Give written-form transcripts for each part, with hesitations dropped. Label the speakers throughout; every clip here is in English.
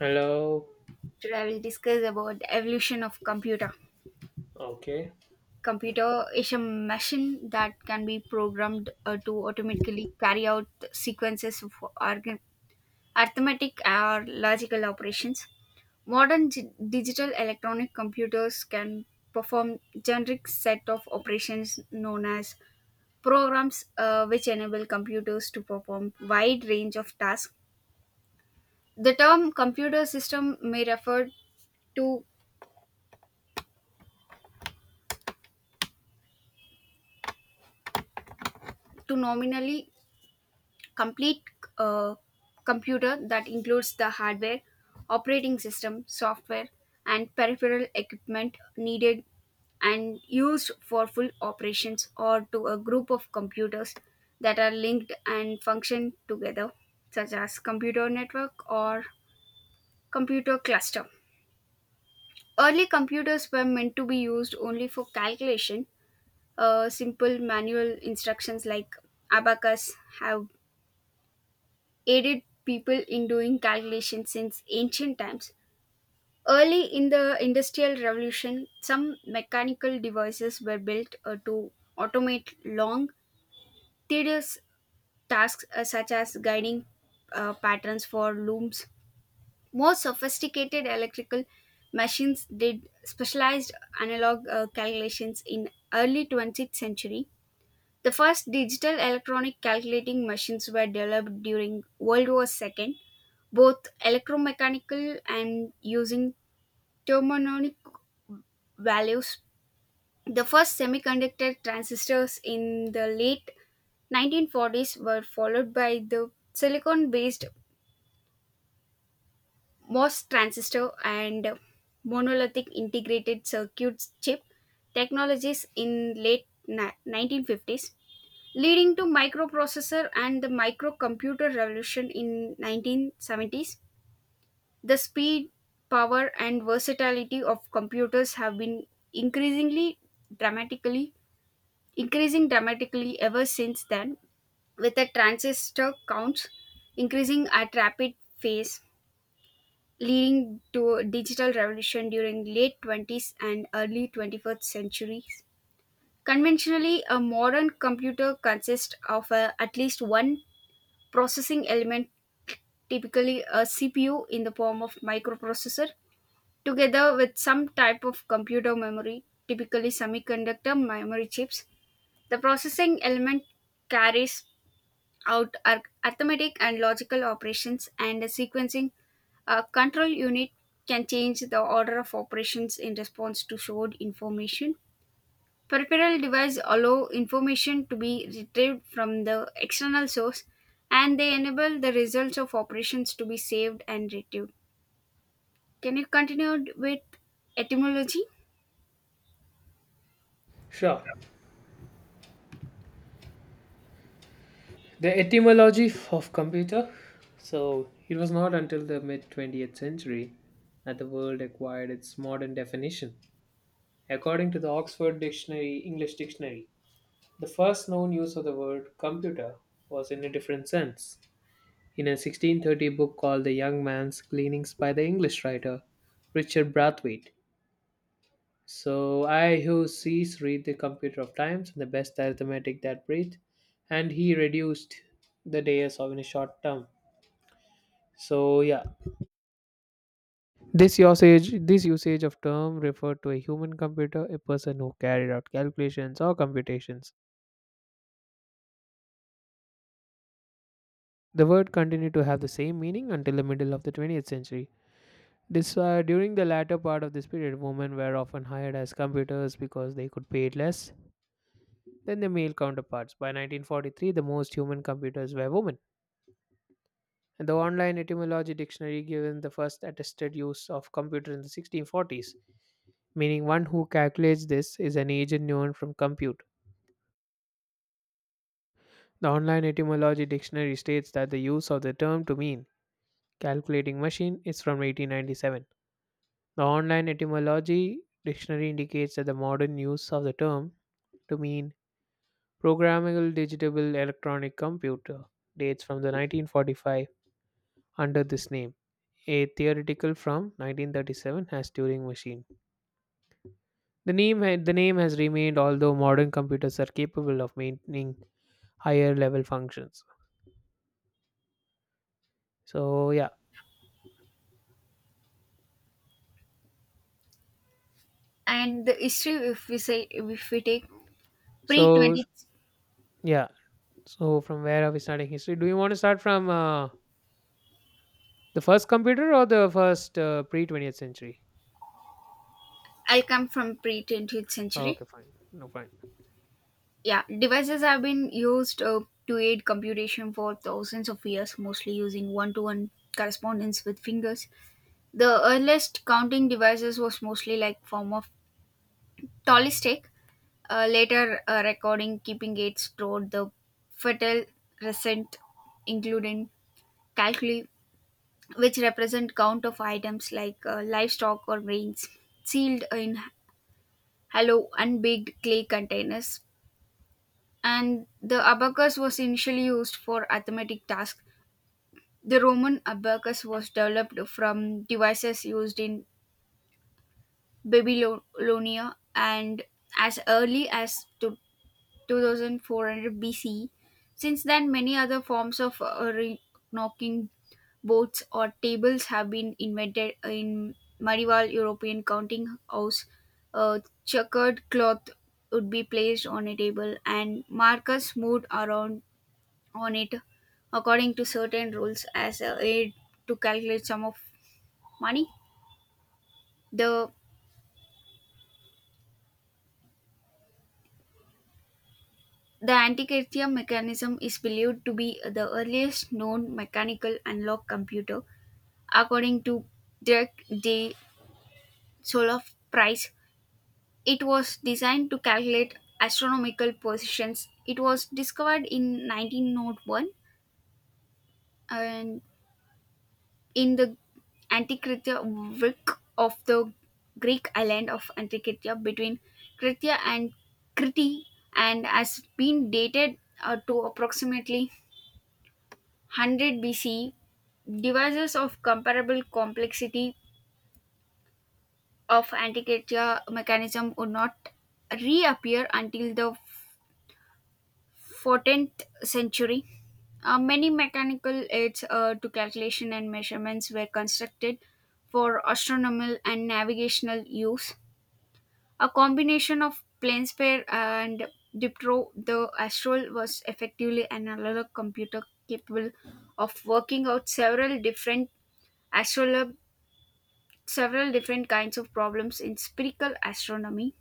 Speaker 1: Hello.
Speaker 2: Today I will discuss about the evolution of computer.
Speaker 1: Okay.
Speaker 2: Computer is a machine that can be programmed to automatically carry out sequences of arithmetic or logical operations. Modern digital electronic computers can perform generic set of operations known as programs which enable computers to perform wide range of tasks. The term computer system may refer to to nominally complete uh, computer that includes the hardware, operating system, software, and peripheral equipment needed and used for full operations or to a group of computers that are linked and function together, such as computer network or computer cluster. Early computers were meant to be used only for calculation. Simple manual instructions like abacus have aided people in doing calculations since ancient times. Early in the Industrial Revolution, some mechanical devices were built to automate long, tedious tasks such as guiding patterns for looms. More sophisticated electrical machines did specialized analog calculations in early 20th century. The first digital electronic calculating machines were developed during World War II, both electromechanical and using thermonic values. The first semiconductor transistors in the late 1940s were followed by the silicon based MOS transistor and monolithic integrated circuits chip technologies in late 1950s, leading to microprocessor and the microcomputer revolution in 1970s. The speed, power, and versatility of computers have been increasingly dramatically increasing dramatically ever since then, with the transistor counts increasing at rapid pace, leading to a digital revolution during late 20th and early 21st centuries. Conventionally, a modern computer consists of at least one processing element, typically a CPU in the form of microprocessor. Together with some type of computer memory, typically semiconductor memory chips, the processing element carries out arithmetic and logical operations, and the sequencing control unit can change the order of operations in response to stored information. Peripheral devices allow information to be retrieved from the external source and they enable the results of operations to be saved and retrieved. Can you continue with etymology?
Speaker 1: Sure. The etymology of computer. So, it was not until the mid 20th century that the word acquired its modern definition. According to the Oxford Dictionary, English Dictionary, the first known use of the word computer was in a different sense. In a 1630 book called The Young Man's Gleanings by the English writer Richard Brathwaite, "So I who sees read the computer of times and the best arithmetic that breathe, and he reduced the days of in a short term." So yeah, this usage of term referred to a human computer, a person who carried out calculations or computations. The word continued to have the same meaning until the middle of the 20th century. This During the latter part of this period, women were often hired as computers because they could pay less than their male counterparts. By 1943, the most human computers were women. The online etymology dictionary given the first attested use of computer in the 1640s, meaning one who calculates this is an agent known from compute. The online etymology dictionary states that the use of the term to mean calculating machine is from 1897. The online etymology dictionary indicates that the modern use of the term to mean programmable digital electronic computer dates from the 1945 under this name. A theoretical from 1937 as Turing machine. The name the name has remained, although modern computers are capable of maintaining higher level functions. So yeah,
Speaker 2: And the history, if we say, if we take pre
Speaker 1: so
Speaker 2: 20th,
Speaker 1: yeah, so from where are we starting history? Do you want to start from the first computer or the first pre 20th century?
Speaker 2: I will come from pre 20th
Speaker 1: Oh,
Speaker 2: century.
Speaker 1: okay, fine, no fine.
Speaker 2: Yeah, devices have been used to aid computation for thousands of years, mostly using one-to-one correspondence with fingers. The earliest counting devices was mostly like form of talistic. Later, recording keeping aids stored the fetal recent, including calculi which represent count of items like livestock or grains sealed in hollow unbaked clay containers. And the abacus was initially used for arithmetic tasks. The Roman abacus was developed from devices used in Babylonia, and as early as to 2400 BC. Since then, many other forms of knocking boats or tables have been invented in medieval European counting house. A checkered cloth would be placed on a table and markers moved around on it according to certain rules as a aid to calculate sum of money. The the Antikythera mechanism is believed to be the earliest known mechanical unlock computer. According to Dirk de Soloff Price, it was designed to calculate astronomical positions. It was discovered in 1901 and in the Antikythera Vik of the Greek island of Antikythera between Krithia and Crete, and has been dated to approximately 100 BCE. Devices of comparable complexity of Antarctica mechanism would not reappear until the 14th century. Many mechanical aids to calculation and measurements were constructed for astronomical and navigational use. A combination of PlaneSphere and Diptro, the Astral was effectively an analog computer capable of working out astrolab- several different kinds of problems in spherical astronomy.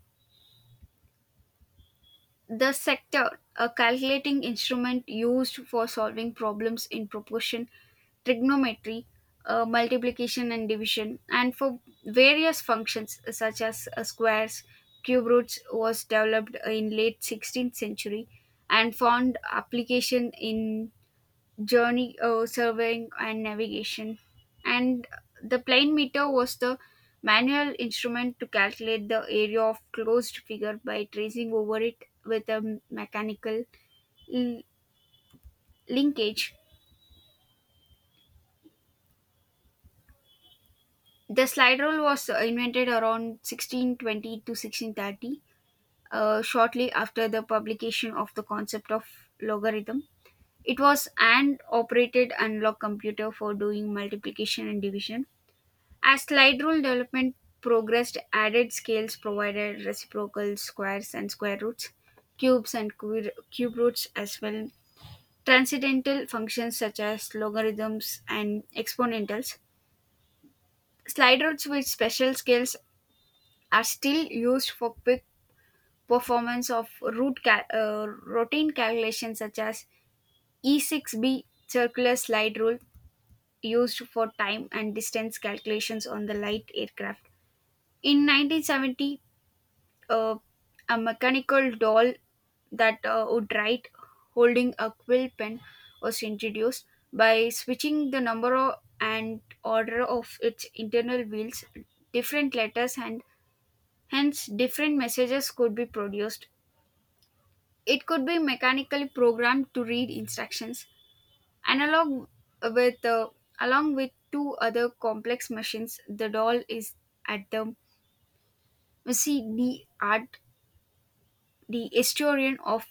Speaker 2: The sector, a calculating instrument used for solving problems in proportion, trigonometry, multiplication and division, and for various functions such as squares, cube roots, was developed in late 16th century and found application in journey surveying and navigation. And the plane meter was the manual instrument to calculate the area of closed figure by tracing over it with a mechanical l- linkage. The slide rule was invented around 1620 to 1630, shortly after the publication of the concept of logarithm. It was an operated analog computer for doing multiplication and division. As slide rule development progressed, added scales provided reciprocal squares and square roots, cubes and cube roots as well. Transcendental functions such as logarithms and exponentials. Slide roots with special scales are still used for quick performance of routine calculations such as E6B circular slide rule used for time and distance calculations on the light aircraft. In 1970, uh, a mechanical doll that would write holding a quill pen was introduced. By switching the number and order of its internal wheels, different letters and hence different messages could be produced. It could be mechanically programmed to read instructions analog with along with two other complex machines. The doll is at the Messi D art, the historian of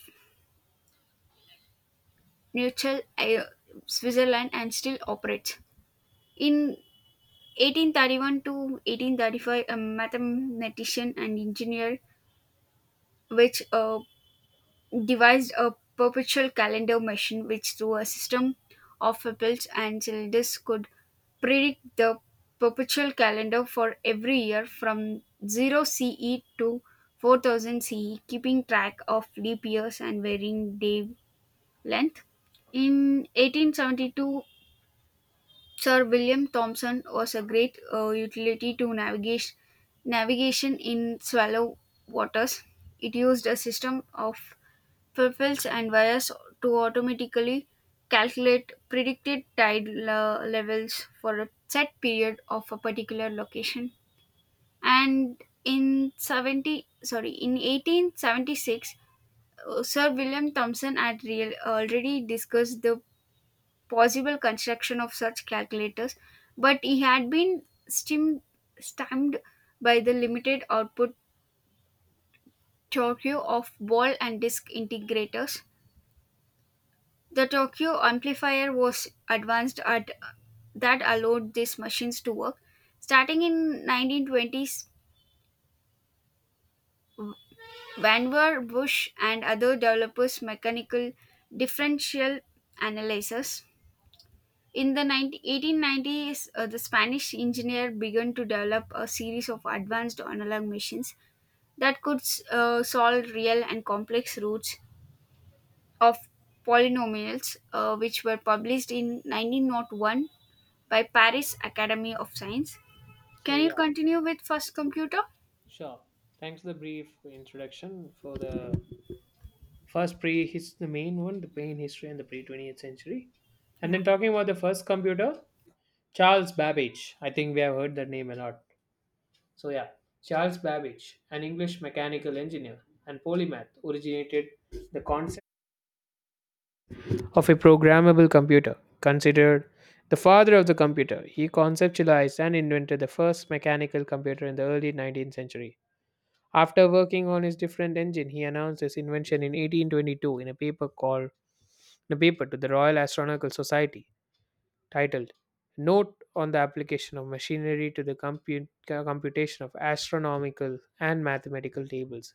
Speaker 2: neutral Switzerland, and still operates. In 1831 to 1835, a mathematician and engineer which devised a perpetual calendar machine which through a system of pebbles and cylinders could predict the perpetual calendar for every year from 0 CE to 4000 CE, keeping track of leap years and varying day length. In 1872, Sir William Thomson was a great utility to navigation, in shallow waters. It used a system of propels and wires to automatically calculate predicted tide levels for a set period of a particular location. And in 70, sorry, in 1876, Sir William Thomson had already discussed the possible construction of such calculators, but he had been stim- stymied by the limited output torque of ball and disk integrators. The Tokyo amplifier was advanced at that allowed these machines to work. Starting in 1920s, Vannevar Bush and other developers mechanical differential analysis. In the 1890s, the Spanish engineer began to develop a series of advanced analog machines that could solve real and complex roots of polynomials, which were published in 1901 by Paris Academy of Science.
Speaker 1: So
Speaker 2: Can you
Speaker 1: yeah,
Speaker 2: continue with first computer?
Speaker 1: sure. Thanks for the brief introduction for the first pre his the main one, the main history and the pre 20th century, and
Speaker 2: Yeah.
Speaker 1: then talking about the first computer, Charles Babbage. I think we have heard that name a lot. So, yeah, Charles Babbage, an English mechanical engineer and polymath, originated the concept of a programmable computer. Considered the father of the computer, he conceptualized and invented the first mechanical computer in the early 19th century. After working on his different engine, he announced his invention in 1822 in a paper to the Royal Astronomical Society titled "Note on the Application of Machinery to the Computation of Astronomical and Mathematical Tables."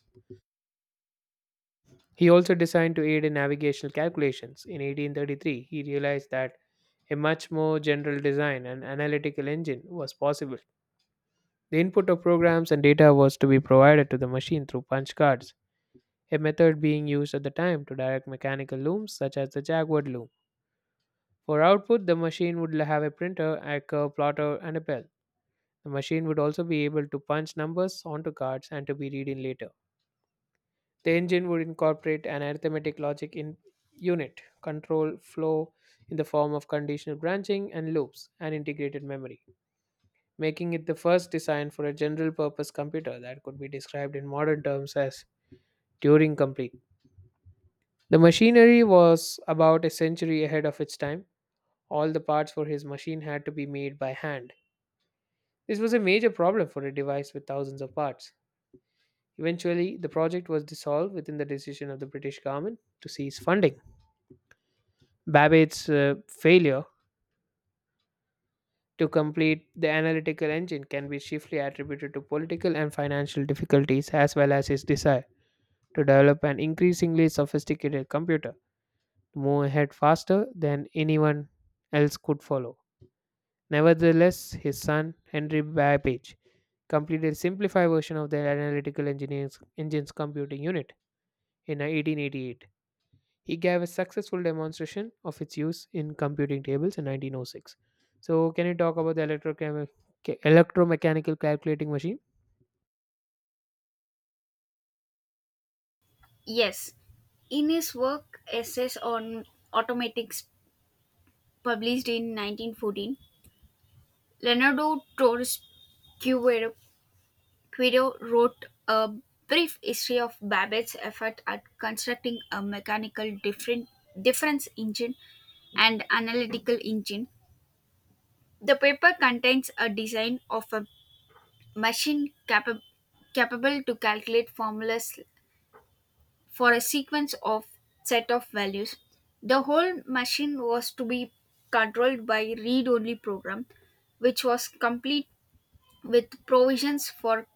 Speaker 1: He also designed to aid in navigational calculations. In 1833, he realized that a much more general design and analytical engine was possible. The input of programs and data was to be provided to the machine through punch cards, a method being used at the time to direct mechanical looms such as the Jaguar loom. For output, the machine would have a printer, a curve plotter, and a bell. The machine would also be able to punch numbers onto cards and to be read in later. The engine would incorporate an arithmetic logic in unit control flow in the form of conditional branching and loops and integrated memory, making it the first design for a general purpose computer that could be described in modern terms as Turing complete. The machinery was about a century ahead of its time. All the parts for his machine had to be made by hand. This was a major problem for a device with thousands of parts. Eventually, the project was dissolved within the decision of the British government to cease funding. Babbage's failure to complete the analytical engine can be chiefly attributed to political and financial difficulties, as well as his desire to develop an increasingly sophisticated computer to move ahead faster than anyone else could follow. Nevertheless, his son, Henry Babbage, completed a simplified version of the analytical engine's computing unit in 1888. He gave a successful demonstration of its use in computing tables in 1906. So, can you talk about the electromechanical calculating machine?
Speaker 2: Yes. In his work Essays on Automatics, published in 1914, Leonardo Torres Quero Quiddo wrote a brief history of Babbage's effort at constructing a mechanical difference engine and analytical engine. The paper contains a design of a machine capable to calculate formulas for a sequence of set of values. The whole machine was to be controlled by read-only program, which was complete with provisions for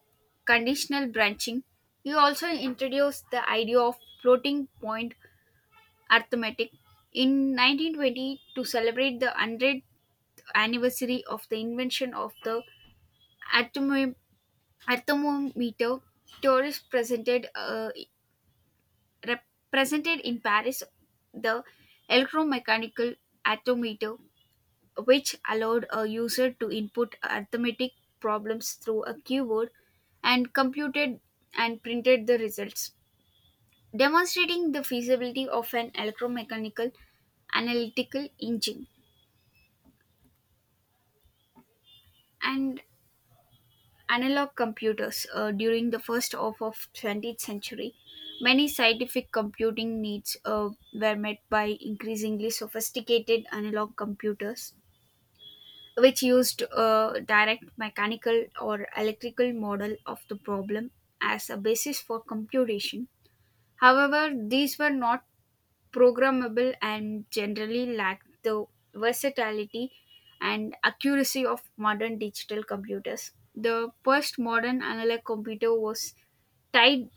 Speaker 2: conditional branching. He also introduced the idea of floating point arithmetic in 1920 to celebrate the 100th anniversary of the invention of the atom- atomometer. Tourists presented represented in Paris the electromechanical atomometer, which allowed a user to input arithmetic problems through a keyboard and computed and printed the results, demonstrating the feasibility of an electromechanical analytical engine and analog computers during the first half of 20th century. Many scientific computing needs were met by increasingly sophisticated analog computers which used a direct mechanical or electrical model of the problem as a basis for computation. However, these were not programmable and generally lacked the versatility and accuracy of modern digital computers. The first modern analog computer was tide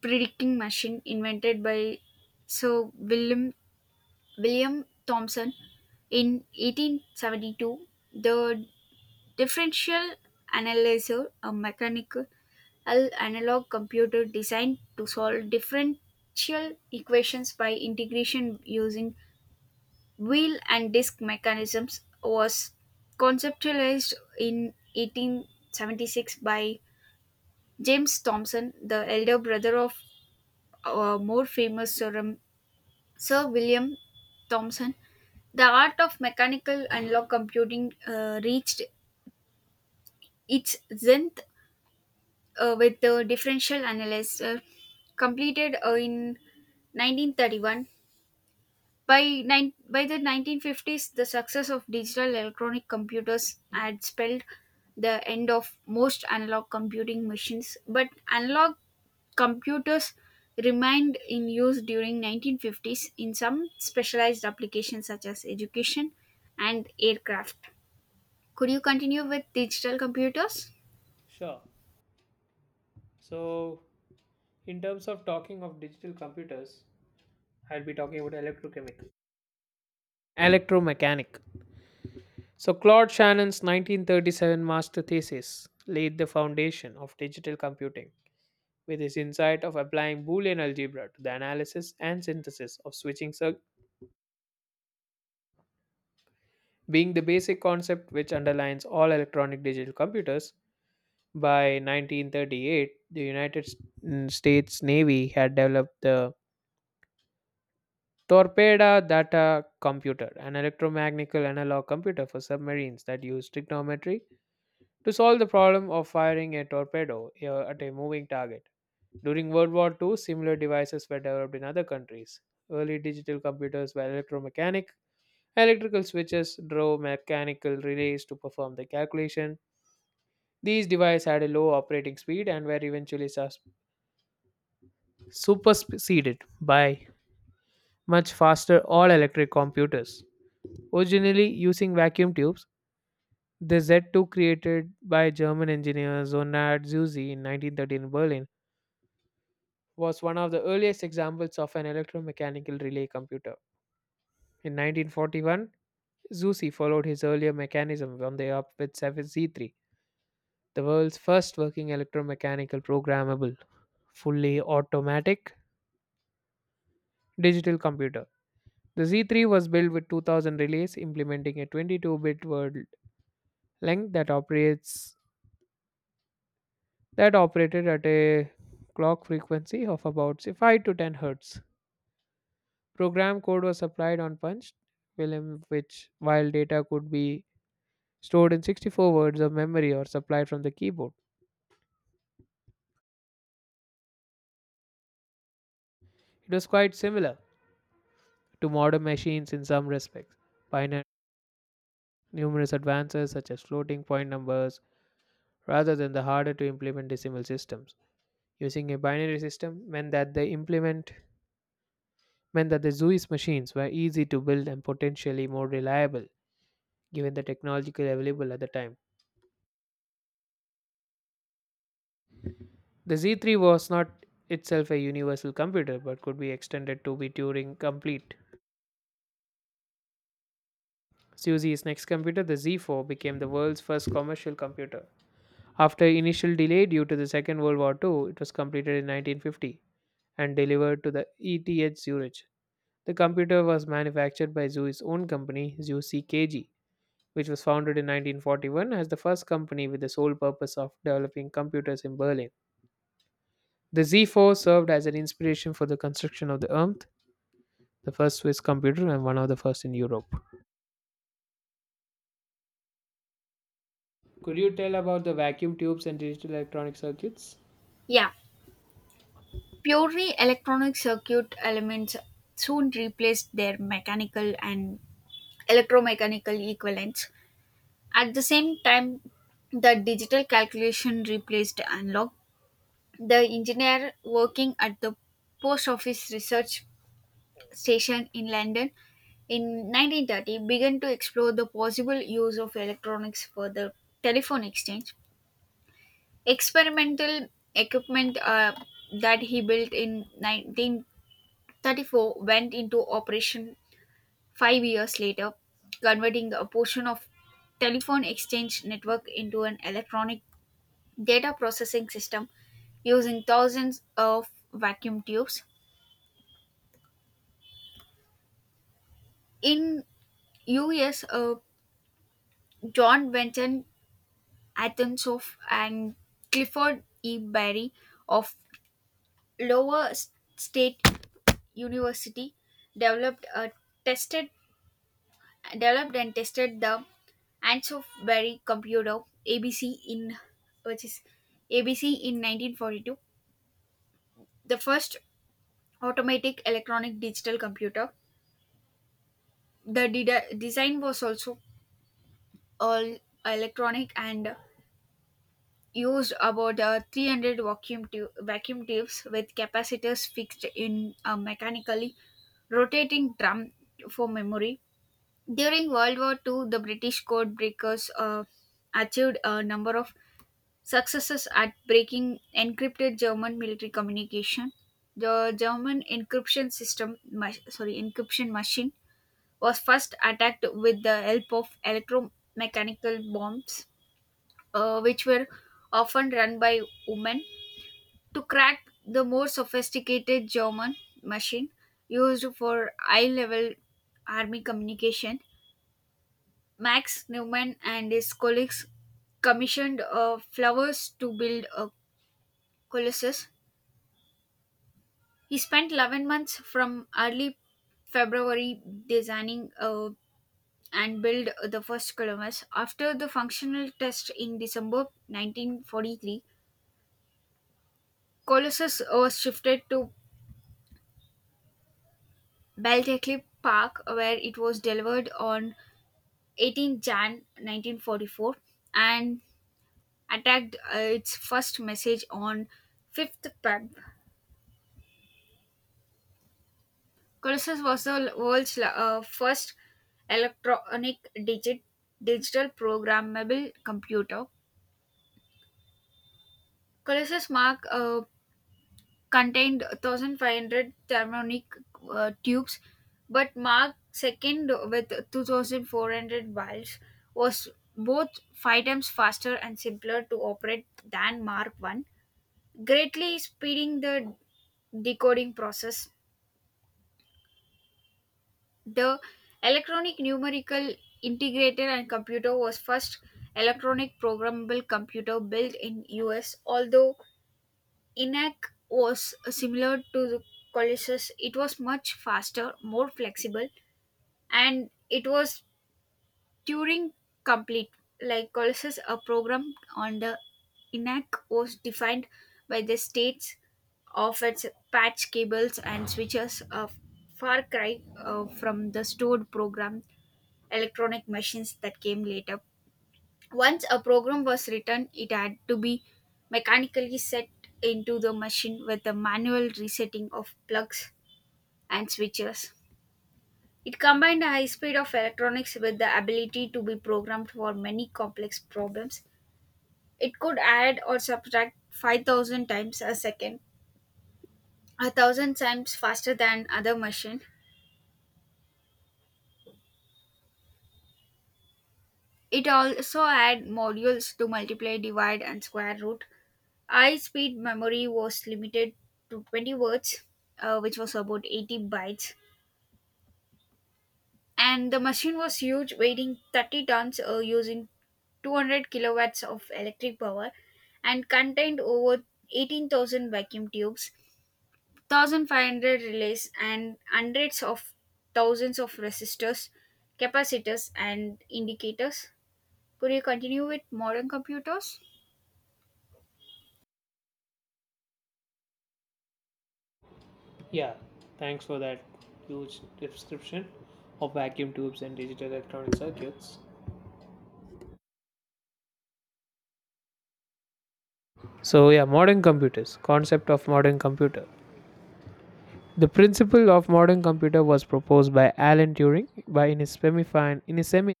Speaker 2: predicting machine invented by Sir William Thomson in 1872. The Differential analyzer, a mechanical analog computer designed to solve differential equations by integration using wheel and disk mechanisms, was conceptualized in 1876 by James Thomson, the elder brother of more famous Sir William Thomson. The art of mechanical analog computing reached its zenith with the differential analysis completed in 1931. By the 1950s, the success of digital electronic computers had spelled the end of most analog computing machines, but analog computers remained in use during 1950s in some specialized applications such as education and aircraft. Could you continue with digital computers?
Speaker 1: Sure. So, in terms of talking of digital computers, I'll be talking about electrochemical. Electromechanic. So, Claude Shannon's 1937 master thesis laid the foundation of digital computing with his insight of applying Boolean algebra to the analysis and synthesis of switching being the basic concept which underlines all electronic digital computers. By 1938, the United States Navy had developed the Torpedo Data Computer, an electromagnetical analog computer for submarines that used trigonometry to solve the problem of firing a torpedo at a moving target. During World War II, similar devices were developed in other countries. Early digital computers were electromechanic. Electrical switches drove mechanical relays to perform the calculation. These devices had a low operating speed and were eventually superseded by much faster all electric computers. Originally using vacuum tubes, the Z2 created by German engineer Zonard Zuse in 1913 in Berlin was one of the earliest examples of an electromechanical relay computer. In 1941, Zuse followed his earlier mechanism on the up with Z 3, the world's first working electromechanical programmable, fully automatic digital computer. The Z3 was built with 2000 relays, implementing a 22-bit word length that operated at a clock frequency of about say, 5 to 10 hertz. Program code was supplied on Punch, Wilhelm, which while data could be stored in 64 words of memory or supplied from the keyboard. It was quite similar to modern machines in some respects, pioneering numerous advances such as floating point numbers rather than the harder to implement decimal systems. Using a binary system meant that the Zeus machines were easy to build and potentially more reliable given the technological available at the time. The Z3 was not itself a universal computer but could be extended to be Turing complete. Suzy's next computer, the Z4, became the world's first commercial computer. After initial delay due to the Second World War two, it was completed in 1950 and delivered to the ETH Zurich. The computer was manufactured by Zhui's own company, Zhu CKG, which was founded in 1941 as the first company with the sole purpose of developing computers in Berlin. The Z4 served as an inspiration for the construction of the ERMT, the first Swiss computer and one of the first in Europe. Could you tell about the vacuum tubes and digital electronic circuits?
Speaker 2: Yeah. Purely electronic circuit elements soon replaced their mechanical and electromechanical equivalents. At the same time, the digital calculation replaced analog. The engineer working at the post office research station in London in 1930 began to explore the possible use of electronics for the telephone exchange. Experimental equipment that he built in 1934 went into operation 5 years later, converting a portion of telephone exchange network into an electronic data processing system using thousands of vacuum tubes. In US, John Benton Athensov and Clifford E. Berry of Lower State University developed a tested developed and tested the Ansofberry computer ABC in which is ABC in 1942, the first automatic electronic digital computer. The design was also all electronic and used about 300 vacuum tubes with capacitors fixed in a mechanically rotating drum for memory. During World War II, the British code breakers achieved a number of successes at breaking encrypted German military communication. The German encryption system, sorry, encryption machine was first attacked with the help of electromechanical bombs, which were often run by women. To crack the more sophisticated German machine used for high level army communication, Max Neumann and his colleagues commissioned flowers to build a colossus. He spent 11 months from early February designing and build the first Columbus. After the functional test in December 1943, Colossus was shifted to Belteclip Park, where it was delivered on 18 Jan 1944 and attacked its first message on 5th Feb. Colossus was the world's first electronic digit digital programmable computer. Colossus Mark contained 1,500 thermonic tubes, but Mark second with 2,400 valves was both five times faster and simpler to operate than Mark one, greatly speeding the decoding process. The electronic numerical integrator and computer was first electronic programmable computer built in US. Although ENAC was similar to the Colossus, it was much faster, more flexible, and it was Turing complete. Like Colossus, a program on the ENAC was defined by the states of its patch cables and switches, a far cry from the stored program electronic machines that came later. Once a program was written, it had to be mechanically set into the machine with a manual resetting of plugs and switches. It combined the high speed of electronics with the ability to be programmed for many complex problems. It could add or subtract 5,000 times a second, a thousand times faster than other machine. It also had modules to multiply, divide, and square root. I speed memory was limited to 20 words, which was about 80 bytes, and the machine was huge, weighing 30 tons, using 200 kilowatts of electric power, and contained over 18,000 vacuum tubes, 1,500 relays, and hundreds of thousands of resistors, capacitors, and indicators. Could you continue with modern computers?
Speaker 1: Yeah, thanks for that huge description of vacuum tubes and digital electronic circuits. So, yeah, modern computers, concept of modern computer. The principle of modern computer was proposed by Alan Turing by in his semi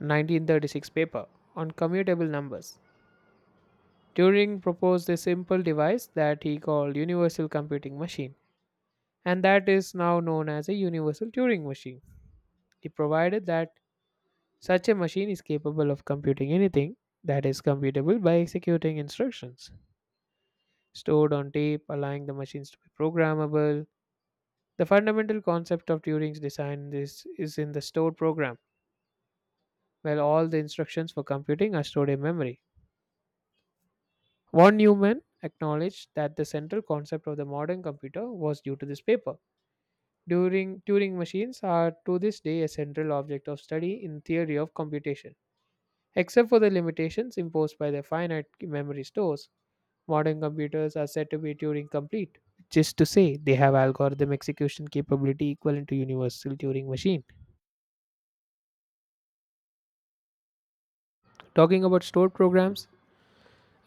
Speaker 1: 1936 paper on commutable numbers. Turing proposed a simple device that he called universal computing machine and that is now known as a universal Turing machine. He provided that such a machine is capable of computing anything that is computable by executing instructions stored on tape, allowing the machines to be programmable. The fundamental concept of Turing's design is in the stored program, where all the instructions for computing are stored in memory. Von Neumann acknowledged that the central concept of the modern computer was due to this paper. During Turing machines are to this day a central object of study in theory of computation. Except for the limitations imposed by their finite memory stores, modern computers are said to be Turing complete, which is to say they have algorithm execution capability equivalent to universal Turing machine. Talking about stored programs,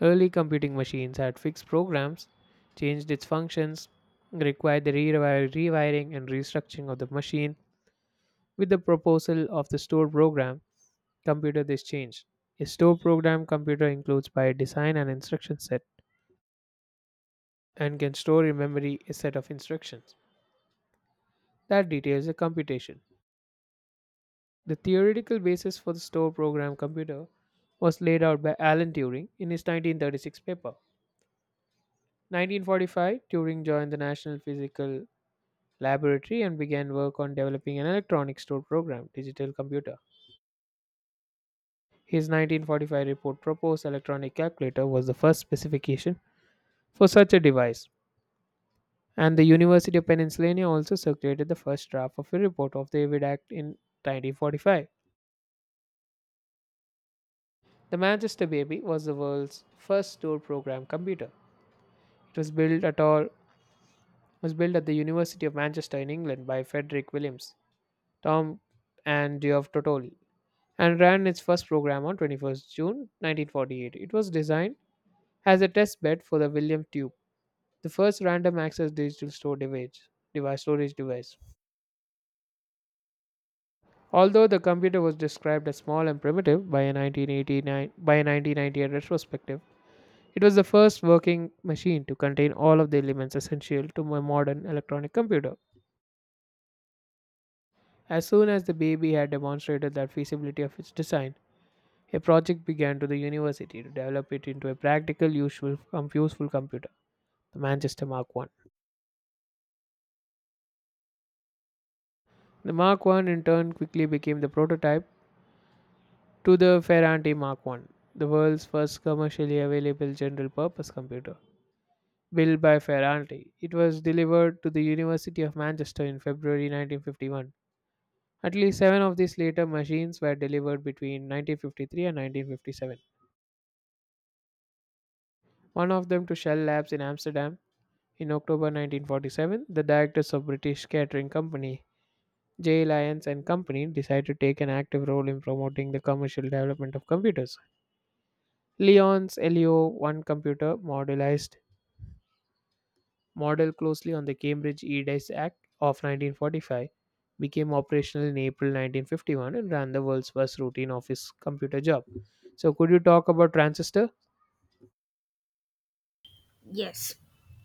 Speaker 1: early computing machines had fixed programs, changed its functions, required the rewiring and restructuring of the machine. With the proposal of the stored program, computer this changed. A stored program computer includes by design an instruction set and can store in memory a set of instructions that details the computation. The theoretical basis for the stored program computer was laid out by Alan Turing in his 1936 paper. 1945, Turing joined the National Physical laboratory and began work on developing an electronic store program, digital computer. His 1945 report proposed electronic calculator was the first specification for such a device. And the University of Pennsylvania also circulated the first draft of a report of the Avid Act in 1945. The Manchester Baby was the world's first store program computer. It was built at all was built at the University of Manchester in England by Frederick Williams, Tom and Geoff Totoli, and ran its first program on 21st June 1948. It was designed as a test bed for the William Tube, the first random access digital store device, device storage device. Although the computer was described as small and primitive by a 1989 by a 1998 retrospective, it was the first working machine to contain all of the elements essential to a modern electronic computer. As soon as the baby had demonstrated the feasibility of its design, a project began to the university to develop it into a practical, useful, useful computer. The Manchester Mark I. The Mark I, in turn, quickly became the prototype to the Ferranti Mark I, the world's first commercially available general purpose computer. Built by Ferranti, it was delivered to the University of Manchester in February 1951. At least seven of these later machines were delivered between 1953 and 1957. One of them to Shell Labs in Amsterdam in October 1947. The directors of British Catering Company Jay Lyons and company decided to take an active role in promoting the commercial development of computers. Lyons' LEO-1 computer model closely on the Cambridge EDIS Act of 1945, became operational in April 1951, and ran the world's first routine office computer job. So, could you talk about transistor?
Speaker 2: Yes,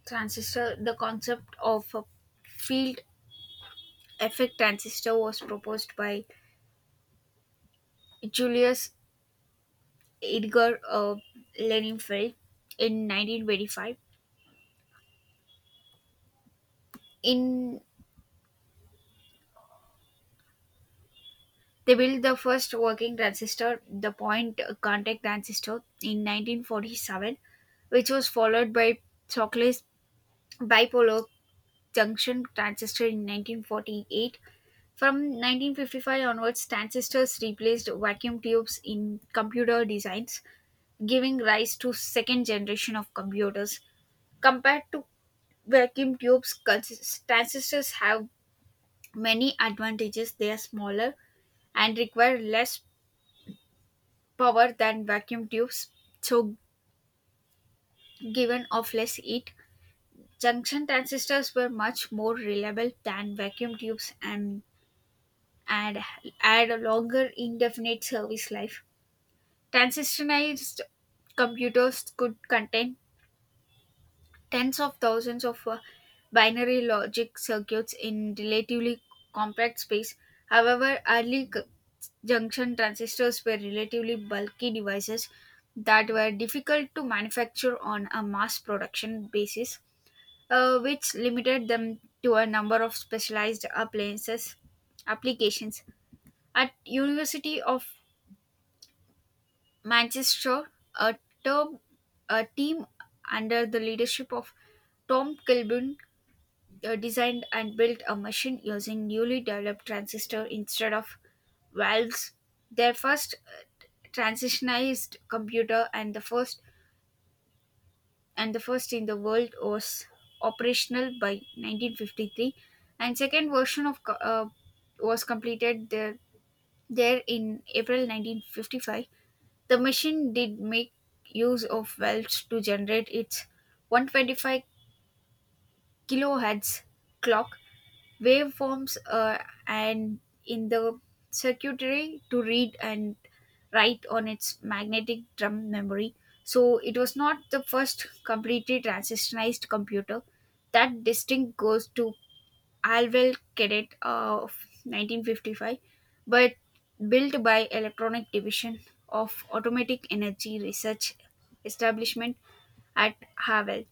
Speaker 2: transistor, the concept of a field effect transistor was proposed by Julius Edgar Lenenfeld in 1925. In they built the first working transistor, the point contact transistor, in 1947, which was followed by Shockley's bipolar junction transistor in 1948. From 1955 onwards, transistors replaced vacuum tubes in computer designs, giving rise to second generation of computers. Compared to transistors have many advantages. They are smaller and require less power than vacuum tubes, so given off less heat. Junction transistors were much more reliable than vacuum tubes, and had a longer indefinite service life. Transistorized computers could contain tens of thousands of binary logic circuits in relatively compact space. However, junction transistors were relatively bulky devices that were difficult to manufacture on a mass production basis, which limited them to a number of specialized appliances applications. At University of Manchester, a term a team under the leadership of Tom Kilburn designed and built a machine using newly developed transistor instead of valves. Their first transitionized computer, and the first in the world, was operational by 1953, and second version of was completed there in April 1955. The machine did make use of valves to generate its 125 kilohertz clock waveforms and in the circuitry to read and write on its magnetic drum memory. So it was not the first completely transistorized computer. That distinct goes to Alvel Cadet of 1955, but built by Electronic Division of Automatic Energy Research Establishment at Havel.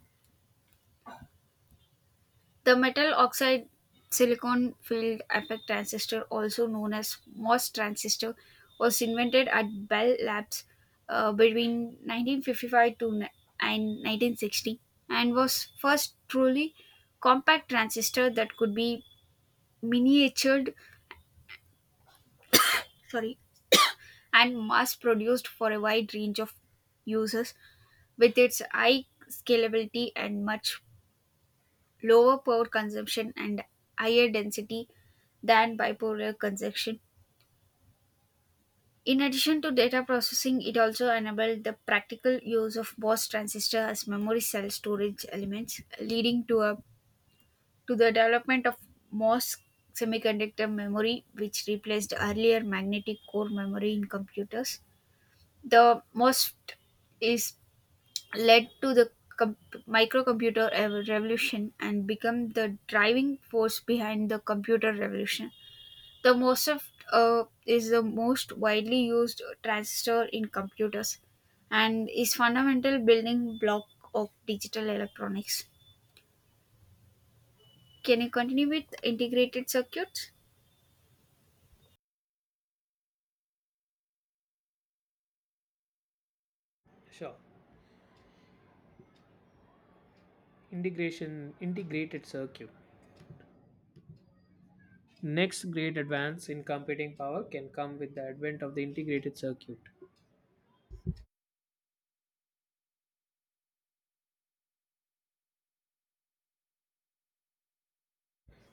Speaker 2: The metal oxide silicon field effect transistor, also known as MOS transistor, was invented at Bell Labs between 1955 and 1960 and was first truly compact transistor that could be miniatured sorry and mass produced for a wide range of uses, with its high scalability and much lower power consumption and higher density than bipolar consumption. In addition to data processing, it also enabled the practical use of Bose transistor as memory cell storage elements, leading to the development of Morse semiconductor memory, which replaced earlier magnetic core memory in computers. The most is led to the com- microcomputer revolution and become the driving force behind the computer revolution. The MOSFET is the most widely used transistor in computers and is fundamental building block of digital electronics. Can you continue with integrated circuits?
Speaker 1: Sure. Integration Integrated circuit. Next great advance in computing power can come with the advent of the integrated circuit.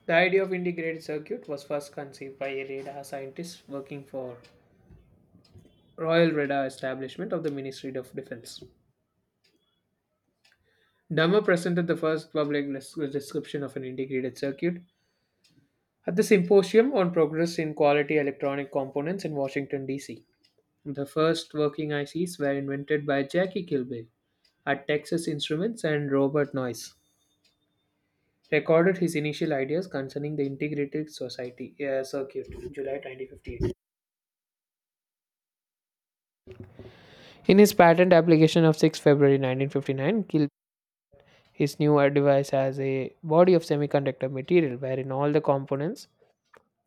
Speaker 1: The idea of integrated circuit was first conceived by a radar scientist working for Royal Radar Establishment of the Ministry of Defense. Dummer presented the first public description of an integrated circuit at the Symposium on Progress in Quality Electronic Components in Washington, D.C. The first working ICs were invented by Jackie Kilby at Texas Instruments and Robert Noyce. Recorded his initial ideas concerning the integrated society circuit, in July 2015. In his patent application of 6 February 1959, Gilb his new device as a body of semiconductor material wherein all the components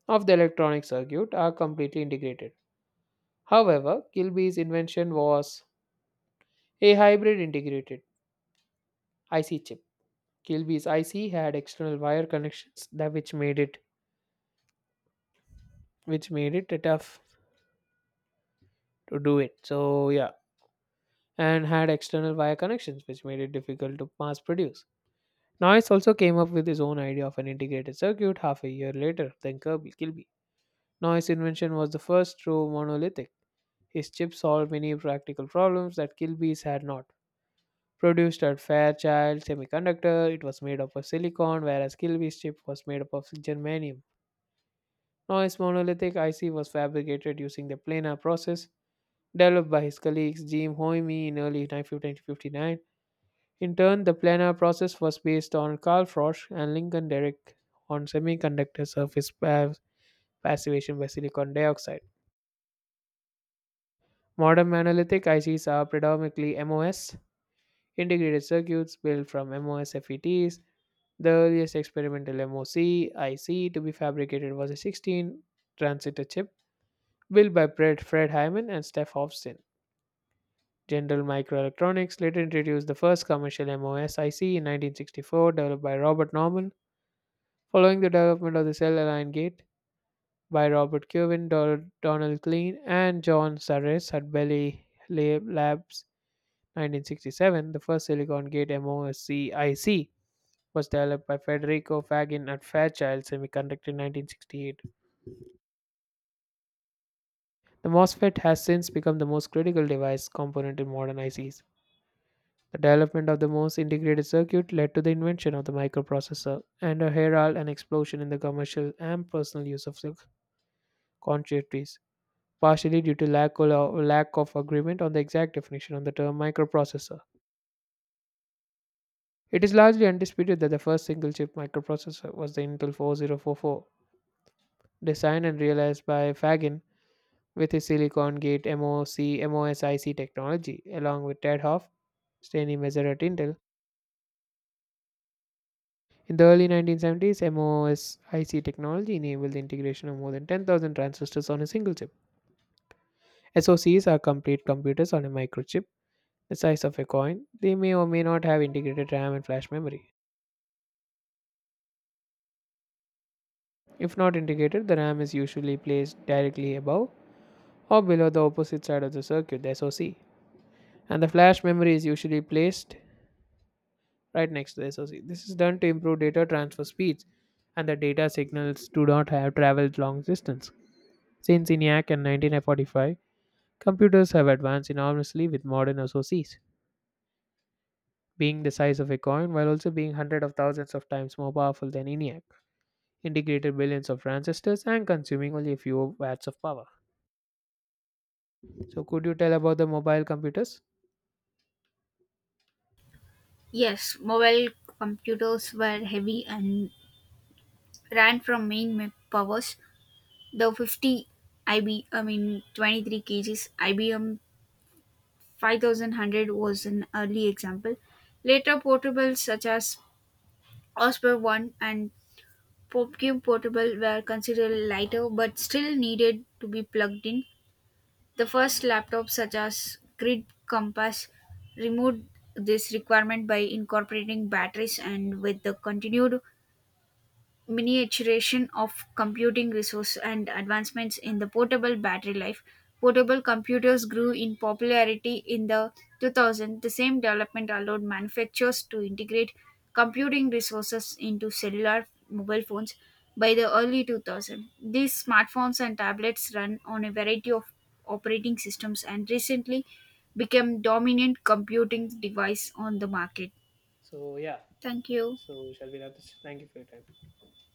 Speaker 1: of the electronic circuit are completely integrated. However, Kilby's invention was a hybrid integrated IC chip. Kilby's IC had external wire connections that which made it tough to do it. So yeah, and had external wire connections which made it difficult to mass produce. Noyce also came up with his own idea of an integrated circuit half a year later than Kirby Kilby. Noyce's invention was the first true monolithic. His chip solved many practical problems that Kilby's had not. Produced at Fairchild Semiconductor, it was made up of silicon, whereas Kilby's chip was made up of germanium. Noyce's monolithic IC was fabricated using the planar process developed by his colleagues Jim Hoime in early 1959. In turn, the planar process was based on Carl Frosch and Lincoln Derrick on semiconductor surface passivation by silicon dioxide. Modern monolithic ICs are predominantly MOS, integrated circuits built from MOS FETs. The earliest experimental MOC IC to be fabricated was a 16 transistor chip built by Fred Hyman and Steph Hofstyn. General Microelectronics later introduced the first commercial MOS IC in 1964, developed by Robert Norman. Following the development of the cell aligned gait by Robert Kirwan, Donald Klein, and John Sarres at Bell Labs 1967, the first silicon gate MOSCIC was developed by Federico Fagin at Fairchild Semiconductor in 1968. The MOSFET has since become the most critical device component in modern ICs. The development of the MOS integrated circuit led to the invention of the microprocessor and a herald an explosion in the commercial and personal use of circuitries. Partially due to lack of agreement on the exact definition of the term microprocessor. It is largely undisputed that the first single chip microprocessor was the Intel 4044, designed and realized by Fagin with his Silicon Gate MOSIC technology, along with Ted Hoff, Stanley Mazur at Intel. In the early 1970s, MOSIC technology enabled the integration of more than 10,000 transistors on a single chip. SOCs are complete computers on a microchip the size of a coin, they may or may not have integrated RAM and flash memory. If not integrated, the RAM is usually placed directly above or below the opposite side of the circuit, the SoC, and the flash memory is usually placed right next to the SoC. This is done to improve data transfer speeds and the data signals do not have traveled long distance. Since ENIAC and 1945, computers have advanced enormously with modern SoCs, being the size of a coin while also being hundreds of thousands of times more powerful than ENIAC. Integrated billions of transistors and consuming only a few watts of power. So, could you tell about the mobile computers?
Speaker 2: Yes, mobile computers were heavy and ran from main powers. The 50 IB, I mean 23 kgs IBM 5100 was an early example. Later, portables such as Osprey 1 and PopCube Portable were considered lighter but still needed to be plugged in. The first laptops, such as Grid Compass, removed this requirement by incorporating batteries, and with the continued miniaturization of computing resource and advancements in the portable battery life, portable computers grew in popularity in the 2000s. The same development allowed manufacturers to integrate computing resources into cellular mobile phones. By the early 2000s, these smartphones and tablets run on a variety of operating systems and recently became dominant computing device on the market.
Speaker 1: So, yeah.
Speaker 2: Thank you.
Speaker 1: So, shall we wrap this? Thank you for your time.